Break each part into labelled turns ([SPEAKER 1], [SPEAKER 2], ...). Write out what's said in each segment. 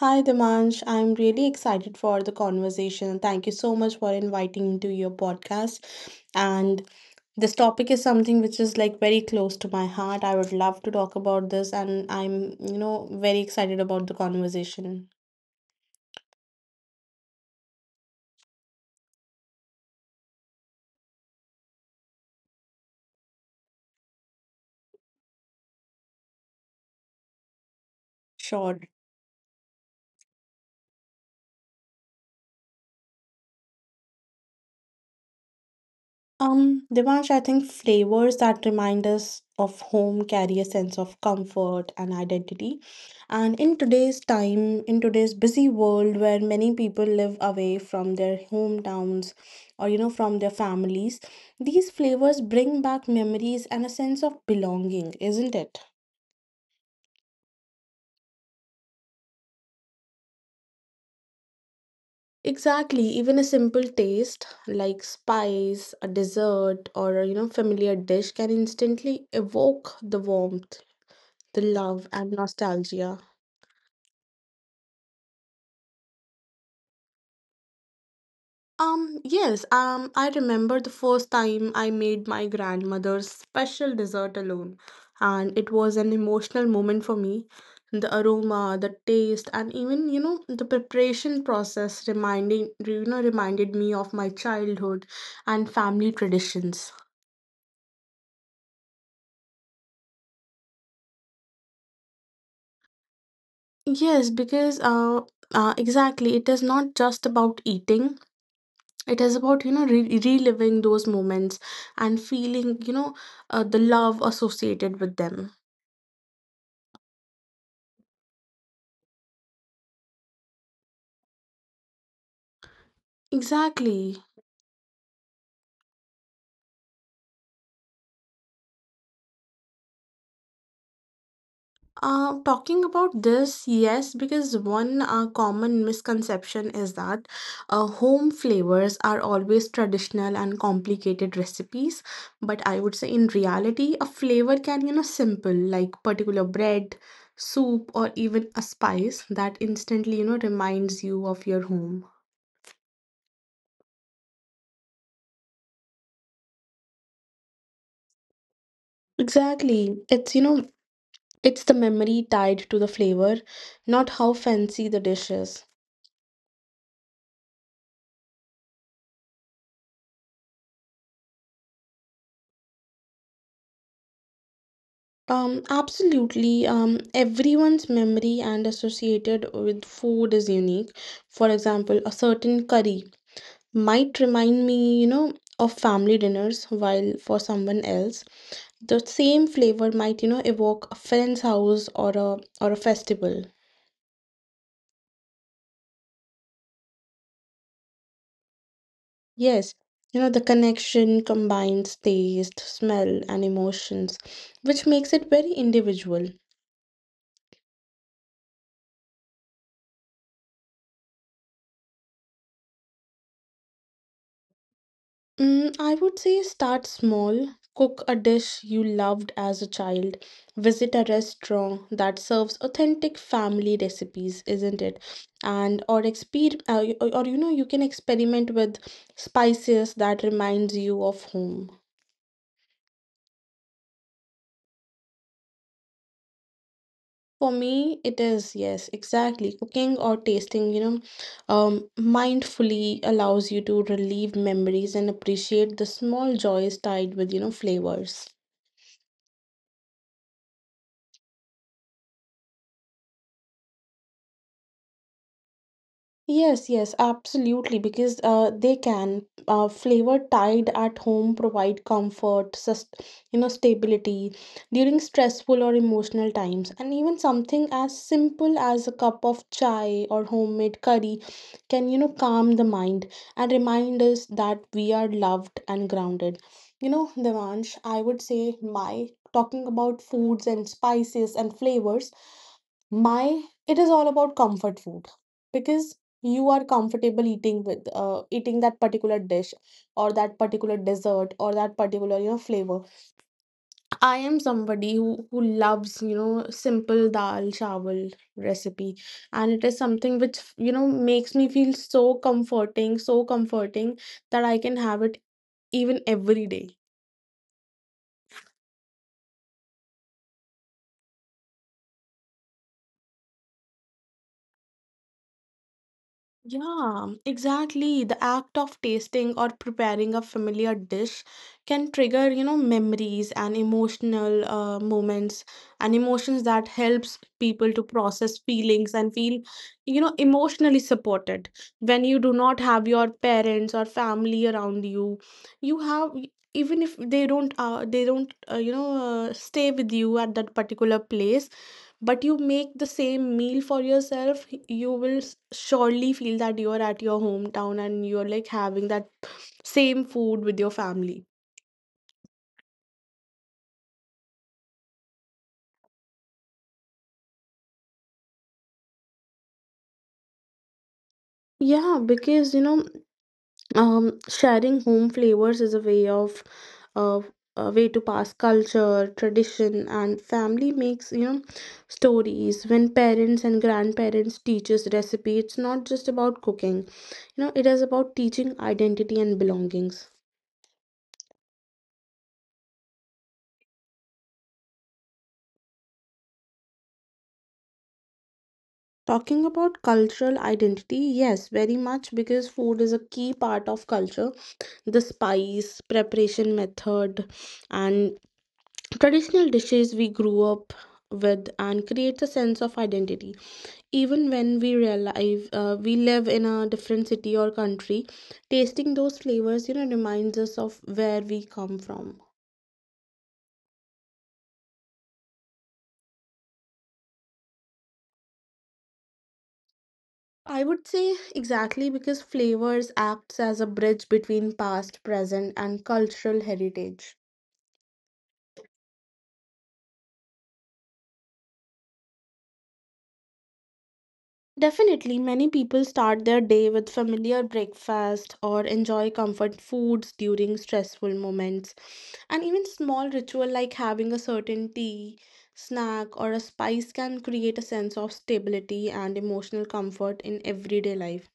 [SPEAKER 1] Hi, Dimansh. I'm really excited for the conversation. Thank you so much for inviting me to your podcast. And this topic is something which is like very close to my heart. I would love to talk about this, and I'm very excited about the conversation. Sure. Devansh, I think flavors that remind us of home carry a sense of comfort and identity. And in today's time, in today's busy world where many people live away from their hometowns or, you know, from their families, these flavors bring back memories and a sense of belonging, isn't it? Exactly, even a simple taste like spice, a dessert, or a, you know, familiar dish can instantly evoke the warmth, the love, and nostalgia. Yes, I remember the first time I made my grandmother's special dessert alone, and it was an emotional moment for me. The aroma, the taste, and even, you know, the preparation process reminded me of my childhood and family traditions. Yes, because exactly, it is not just about eating. It is about, you know, re reliving those moments and feeling, you know, the love associated with them. Exactly. Talking about this, yes, because one common misconception is that home flavors are always traditional and complicated recipes. But I would say in reality, a flavor can, you know, simple like particular bread, soup, or even a spice that instantly, you know, reminds you of your home. Exactly. It's the memory tied to the flavor, not how fancy the dish is. Absolutely. Everyone's memory and associated with food is unique. For example, a certain curry might remind me, you know, of family dinners, while for someone else, the same flavor might, you know, evoke a friend's house or a festival. Yes, you know, the connection combines taste, smell, and emotions, which makes it very individual. Mm, I would say start small. Cook a dish you loved as a child. Visit a restaurant that serves authentic family recipes, isn't it? And or exper y- or you know you can experiment with spices that reminds you of home. For me, it is yes, exactly. Cooking or tasting, you know, mindfully allows you to relieve memories and appreciate the small joys tied with, you know, flavors. Yes, yes, absolutely. Because they can flavor tied at home provide comfort, sus you know, stability during stressful or emotional times, and even something as simple as a cup of chai or homemade curry can you know calm the mind and remind us that we are loved and grounded. You know, Devansh, I would say my talking about foods and spices and flavors, my it is all about comfort food because you are comfortable eating with eating that particular dish or that particular dessert or that particular you know flavor. I am somebody who loves you know simple dal chawal recipe and it is something which you know makes me feel so comforting, so comforting, that I can have it even every day. Yeah, exactly. The act of tasting or preparing a familiar dish can trigger, you know, memories and emotional moments and emotions that helps people to process feelings and feel, you know, emotionally supported. When you do not have your parents or family around you, you have even if they don't you know stay with you at that particular place but you make the same meal for yourself you will surely feel that you are at your hometown and you're like having that same food with your family. Yeah, because you know, um, sharing home flavors is a way of uh, a way to pass culture, tradition, and family, makes you know stories. When parents and grandparents teaches recipe, it's not just about cooking, you know, it is about teaching identity and belongings. Talking about cultural identity, yes, very much because food is a key part of culture. The spice, preparation method, and traditional dishes we grew up with and creates a sense of identity. Even when we live in a different city or country, tasting those flavors, you know, reminds us of where we come from. I would say exactly because flavors acts as a bridge between past, present, and cultural heritage. Definitely, many people start their day with familiar breakfast or enjoy comfort foods during stressful moments. And even small ritual like having a certain tea, snack, or a spice can create a sense of stability and emotional comfort in everyday life.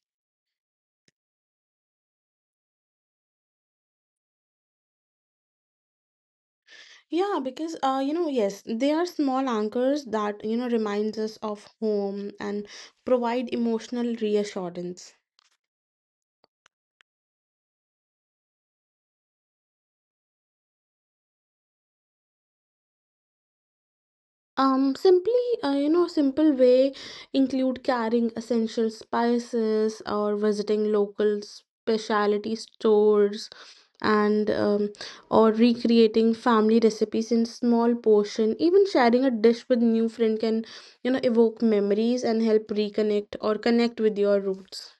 [SPEAKER 1] Yeah, because you know, yes, they are small anchors that you know reminds us of home and provide emotional reassurance. Simply, you know, simple way include carrying essential spices or visiting local specialty stores and or recreating family recipes in small portion. Even sharing a dish with new friend can, you know, evoke memories and help reconnect or connect with your roots.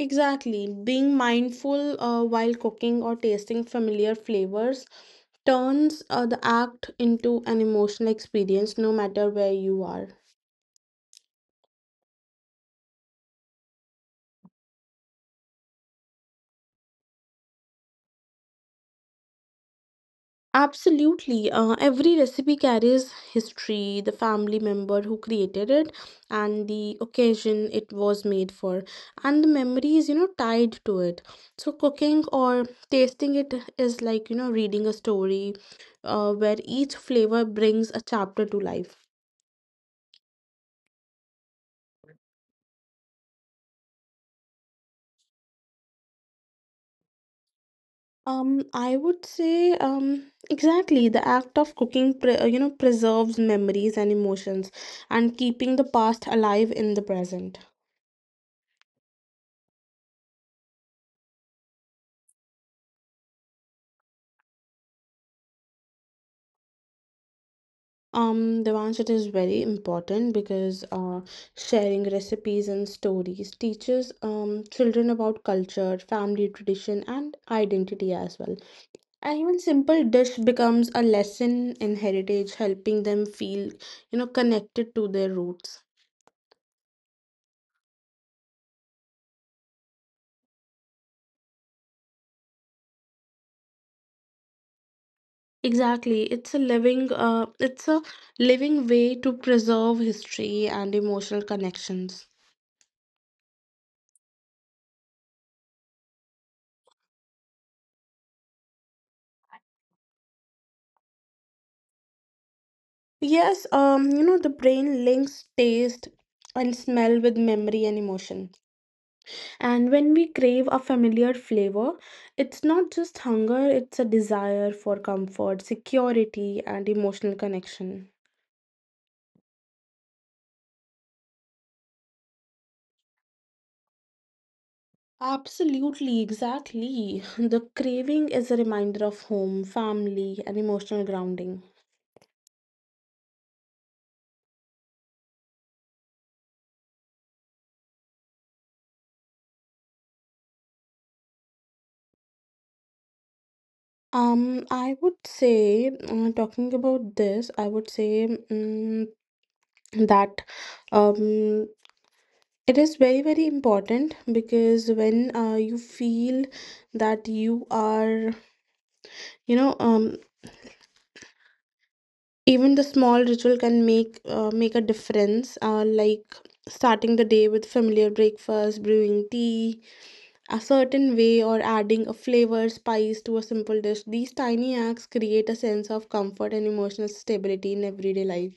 [SPEAKER 1] Exactly. Being mindful while cooking or tasting familiar flavors turns the act into an emotional experience no matter where you are. Absolutely. Every recipe carries history, the family member who created it, and the occasion it was made for, and the memories, you know, tied to it. So, cooking or tasting it is like, you know, reading a story where each flavor brings a chapter to life. Exactly. The act of cooking, pre you know, preserves memories and emotions and keeping the past alive in the present. Devansh, it is very important because sharing recipes and stories teaches children about culture, family tradition, and identity as well. And even simple dish becomes a lesson in heritage, helping them feel, you know, connected to their roots. Exactly. It's a living way to preserve history and emotional connections. Yes, you know, the brain links taste and smell with memory and emotion. And when we crave a familiar flavor, it's not just hunger, it's a desire for comfort, security, and emotional connection. Absolutely, exactly. The craving is a reminder of home, family, and emotional grounding. I would say, talking about this, I would say mm that um, it is very, very important because when you feel that you are, you know, even the small ritual can make a difference, like starting the day with familiar breakfast, brewing tea a certain way, or adding a flavor, spice to a simple dish. These tiny acts create a sense of comfort and emotional stability in everyday life.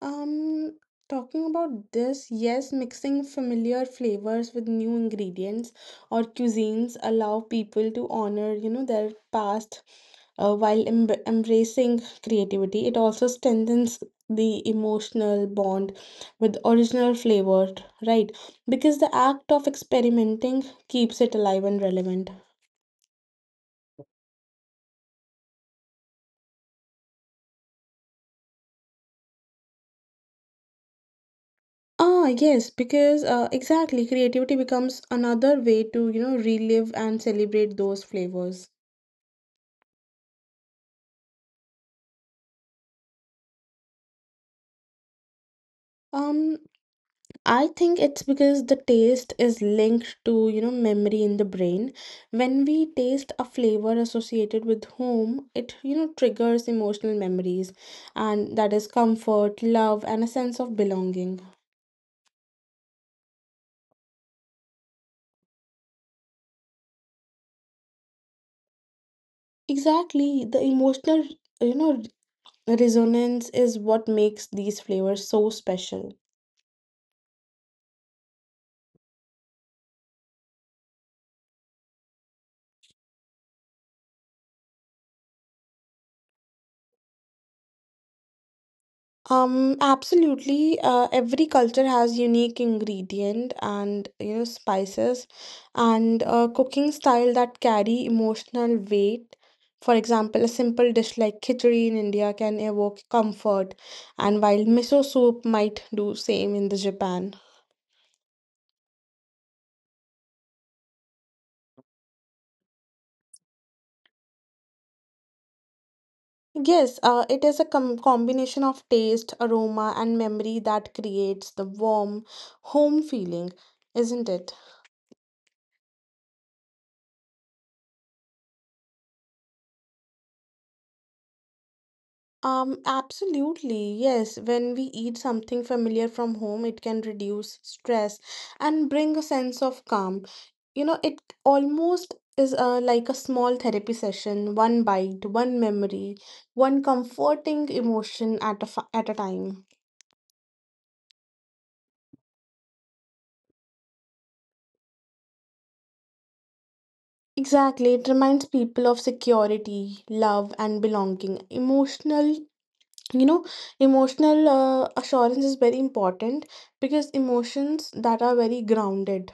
[SPEAKER 1] Um, talking about this, yes, mixing familiar flavors with new ingredients or cuisines allow people to honor, you know, their past while embracing creativity. It also strengthens the emotional bond with original flavor, right? Because the act of experimenting keeps it alive and relevant. Ah, yes, because exactly, creativity becomes another way to, you know, relive and celebrate those flavors. Um, I think it's because the taste is linked to, you know, memory in the brain. When we taste a flavor associated with home, it, you know, triggers emotional memories, and that is comfort, love, and a sense of belonging. Exactly, the emotional, you know, resonance is what makes these flavors so special. Absolutely. Every culture has unique ingredient and you know spices and a cooking style that carry emotional weight. For example, a simple dish like khichdi in India can evoke comfort, and while miso soup might do same in the Japan. Yes, it is a combination of taste, aroma, and memory that creates the warm home feeling, isn't it? Absolutely. Yes, when we eat something familiar from home, it can reduce stress and bring a sense of calm. You know, it almost is like a small therapy session, one bite, one memory, one comforting emotion at a time. Exactly. It reminds people of security, love, and belonging. You know, emotional assurance is very important because emotions that are very grounded.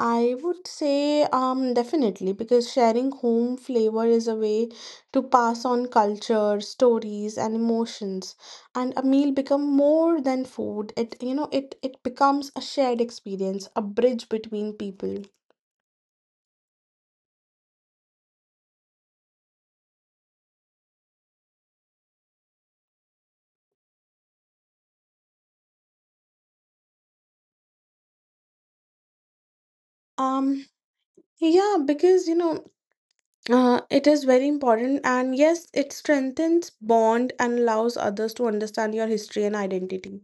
[SPEAKER 1] I would say, um, definitely because sharing home flavor is a way to pass on culture, stories and emotions and a meal become more than food. It you know it becomes a shared experience, a bridge between people. Um, yeah, because you know, it is very important and yes it strengthens bond and allows others to understand your history and identity.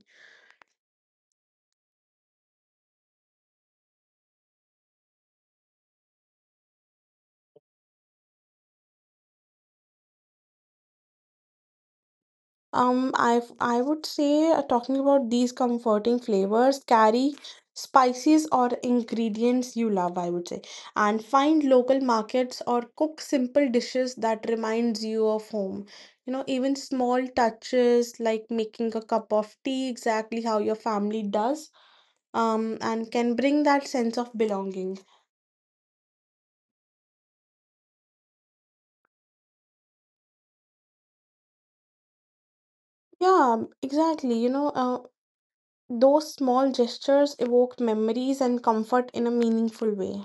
[SPEAKER 1] I would say talking about these comforting flavors, carry spices or ingredients you love, I would say, and find local markets or cook simple dishes that reminds you of home. You know, even small touches like making a cup of tea exactly how your family does, and can bring that sense of belonging. Yeah, exactly. You know, those small gestures evoke memories and comfort in a meaningful way.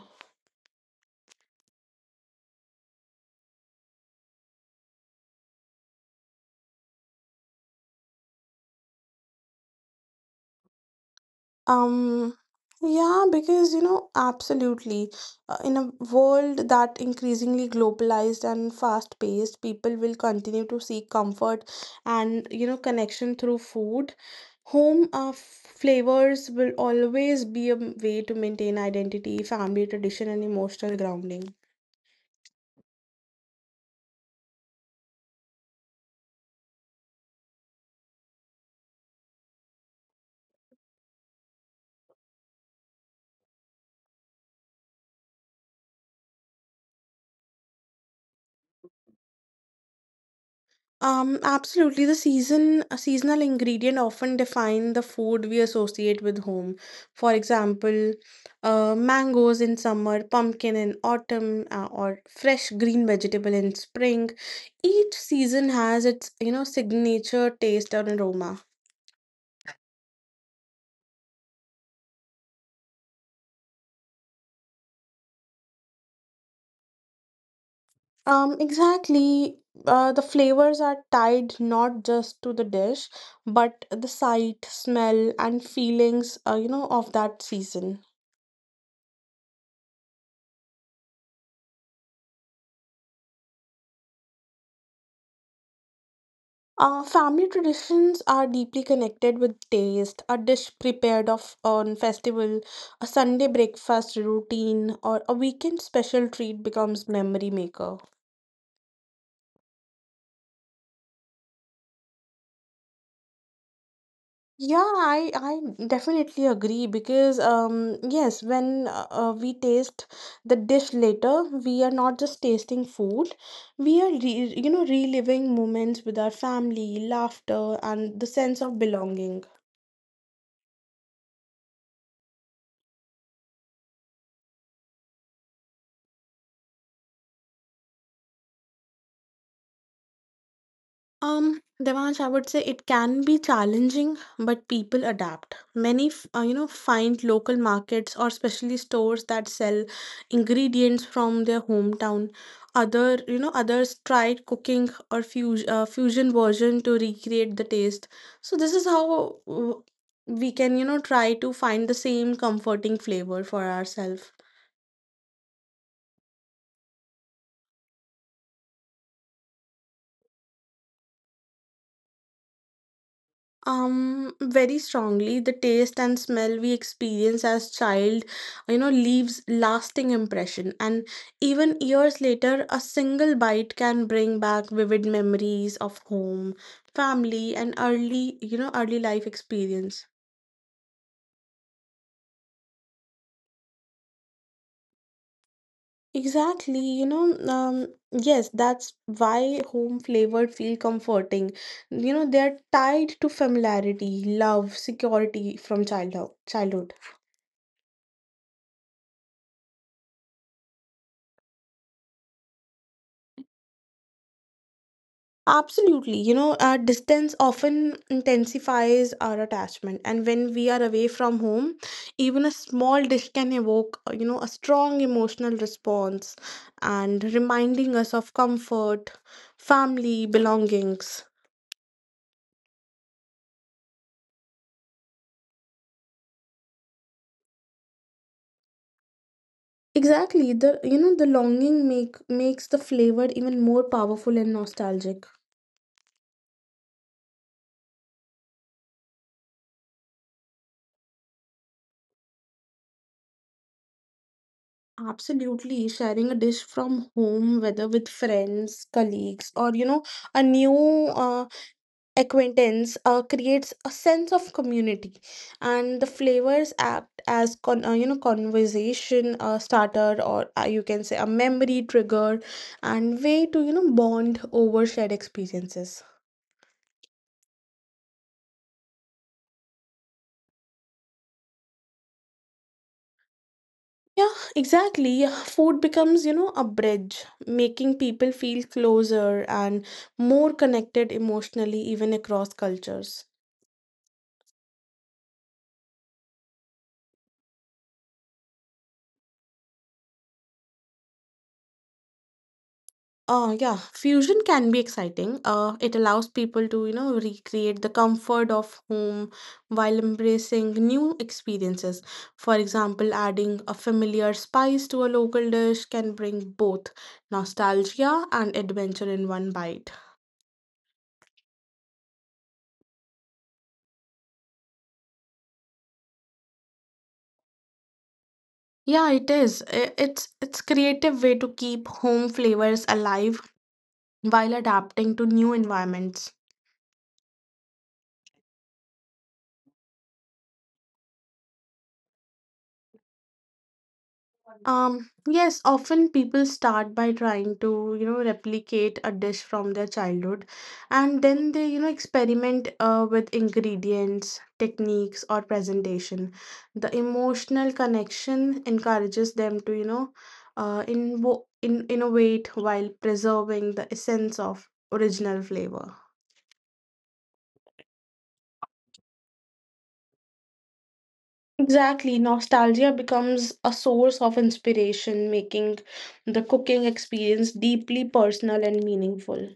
[SPEAKER 1] Um, absolutely. In a world that increasingly globalized and fast-paced, people will continue to seek comfort and, connection through food. Home flavors will always be a way to maintain identity, family tradition, and emotional grounding. Absolutely. The season a seasonal ingredient often define the food we associate with home. For example, mangoes in summer, pumpkin in autumn, or fresh green vegetable in spring. Each season has its, signature taste and aroma. Exactly. The flavors are tied not just to the dish, but the sight, smell, and feelings, of that season. Family traditions are deeply connected with taste. A dish prepared of on festival, a Sunday breakfast routine, or a weekend special treat becomes memory maker. Yeah, I definitely agree because yes, when we taste the dish later, we are not just tasting food, we are re you know reliving moments with our family, laughter, and the sense of belonging. Devansh, I would say it can be challenging, but people adapt. Many, find local markets or specialty stores that sell ingredients from their hometown. Others tried cooking or fusion version to recreate the taste. So this is how we can, try to find the same comforting flavor for ourselves. Very strongly, the taste and smell we experience as child, leaves lasting impression. And even years later, a single bite can bring back vivid memories of home, family, and early, early life experience. Exactly, yes, that's why home flavored feel comforting. They're tied to familiarity, love, security from childhood, childhood. Absolutely. Our distance often intensifies our attachment. And when we are away from home, even a small dish can evoke, a strong emotional response and reminding us of comfort, family, belongings. Exactly. The longing makes the flavor even more powerful and nostalgic. Absolutely. Sharing a dish from home, whether with friends, colleagues, or, a new uh, acquaintance creates a sense of community and the flavors act as conversation starter or you can say a memory trigger and way to bond over shared experiences, yeah, exactly. Yeah, food becomes, a bridge making people feel closer and more connected emotionally even across cultures. Yeah, fusion can be exciting. It allows people to, recreate the comfort of home while embracing new experiences. For example, adding a familiar spice to a local dish can bring both nostalgia and adventure in one bite. Yeah, it is. It's creative way to keep home flavors alive while adapting to new environments. Yes, often people start by trying to, replicate a dish from their childhood and then they, experiment with ingredients, techniques, or presentation. The emotional connection encourages them to, invo- in innovate while preserving the essence of original flavor. Exactly, nostalgia becomes a source of inspiration, making the cooking experience deeply personal and meaningful.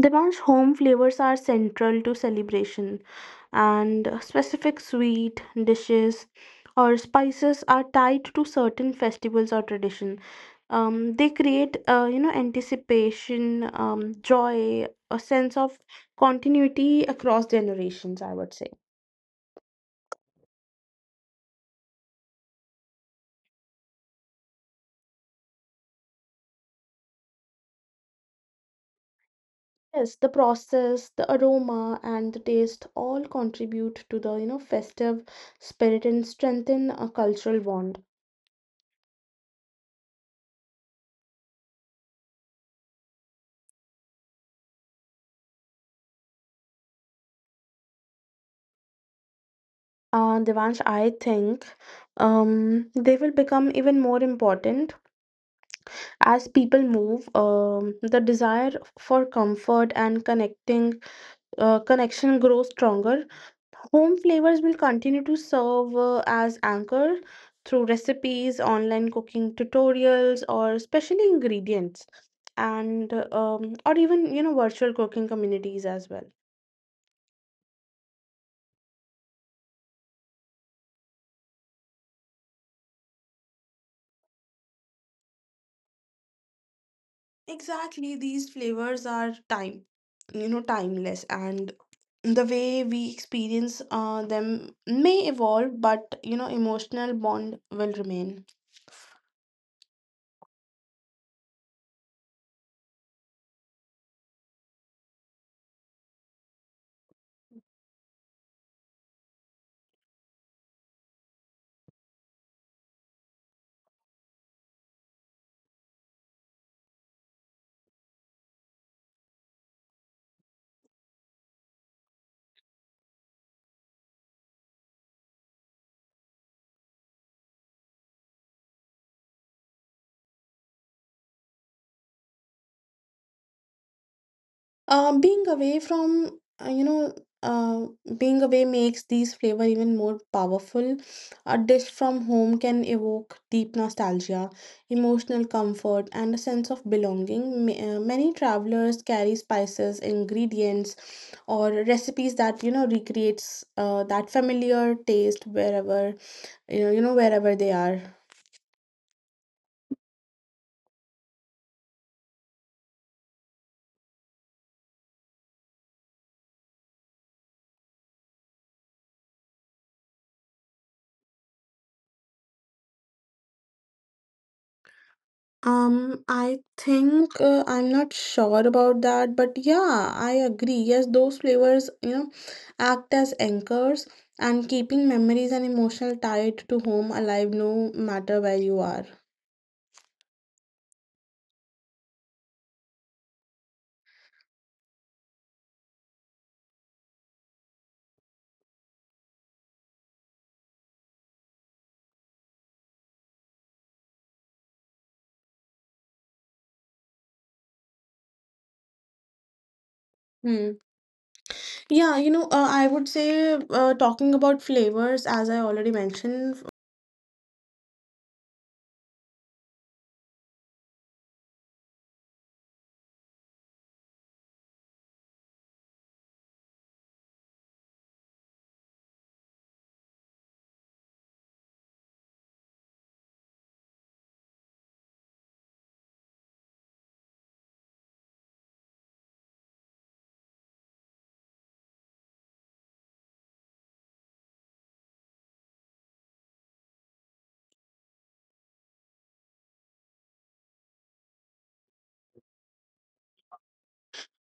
[SPEAKER 1] Devansh, home flavors are central to celebration, and specific sweet dishes or spices are tied to certain festivals or tradition. They create, anticipation, joy, a sense of continuity across generations. I would say yes. The process, the aroma, and the taste all contribute to the, festive spirit and strengthen a cultural bond. Devansh, I think, they will become even more important as people move. The desire for comfort and connecting connection grows stronger. Home flavors will continue to serve as anchor through recipes, online cooking tutorials, or specially ingredients, and, or even, virtual cooking communities as well. Exactly, these flavors are timeless, and the way we experience them may evolve, but, emotional bond will remain. Being away from uh, you know uh, being away makes these flavor even more powerful. A dish from home can evoke deep nostalgia, emotional comfort, and a sense of belonging. Many travelers carry spices, ingredients, or recipes that, recreates that familiar taste wherever, wherever they are. I think, I'm not sure about that, but yeah, I agree. Yes, those flavors, act as anchors and keeping memories and emotional tied to home alive no matter where you are. Hmm. Yeah, I would say, talking about flavors, as I already mentioned,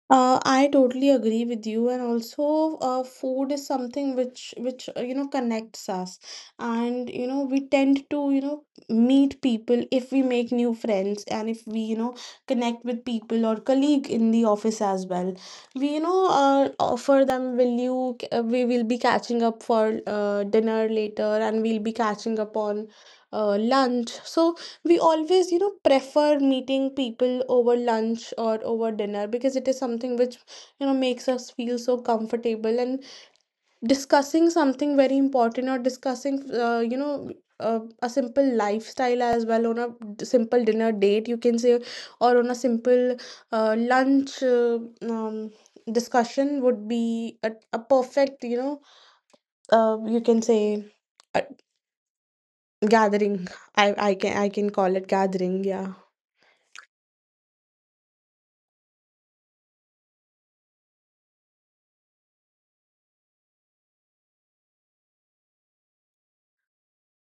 [SPEAKER 2] I totally agree with you, and also, food is something which which connects us, and we tend to meet people if we make new friends and if we connect with people or colleague in the office as well. We offer them will you we will be catching up for dinner later, and we'll be catching up on lunch. So we always prefer meeting people over lunch or over dinner because it is something which makes us feel so comfortable and discussing something very important or discussing a simple lifestyle as well on a simple dinner date you can say or on a simple lunch um, discussion would be a perfect you can say uh, gathering. I can call it gathering. Yeah,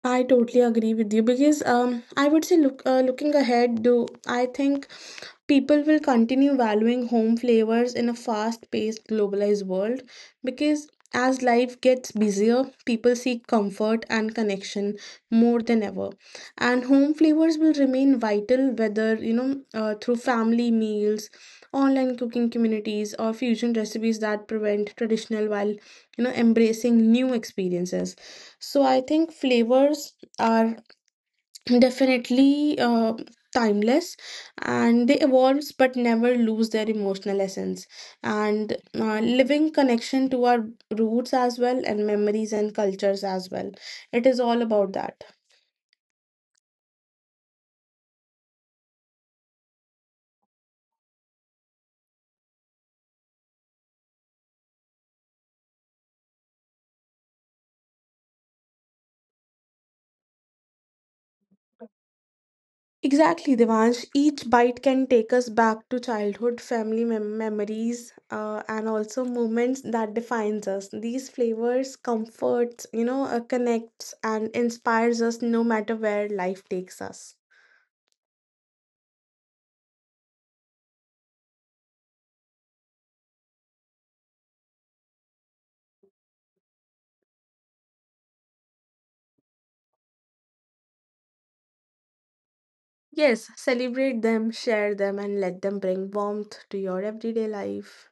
[SPEAKER 2] I totally agree with you because I would say look, looking ahead, do I think people will continue valuing home flavors in a fast paced globalized world? Because as life gets busier, people seek comfort and connection more than ever. And home flavors will remain vital whether, through family meals, online cooking communities, or fusion recipes that prevent traditional while, embracing new experiences. So I think flavors are definitely timeless and they evolve but never lose their emotional essence and living connection to our roots as well, and memories and cultures as well. It is all about that exactly, Devansh. Each bite can take us back to childhood family memories, and also moments that defines us. These flavors comforts, connects and inspires us no matter where life takes us. Yes, celebrate them, share them, and let them bring warmth to your everyday life.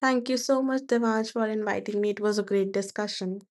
[SPEAKER 2] Thank you so much, Devansh, for inviting me. It was a great discussion.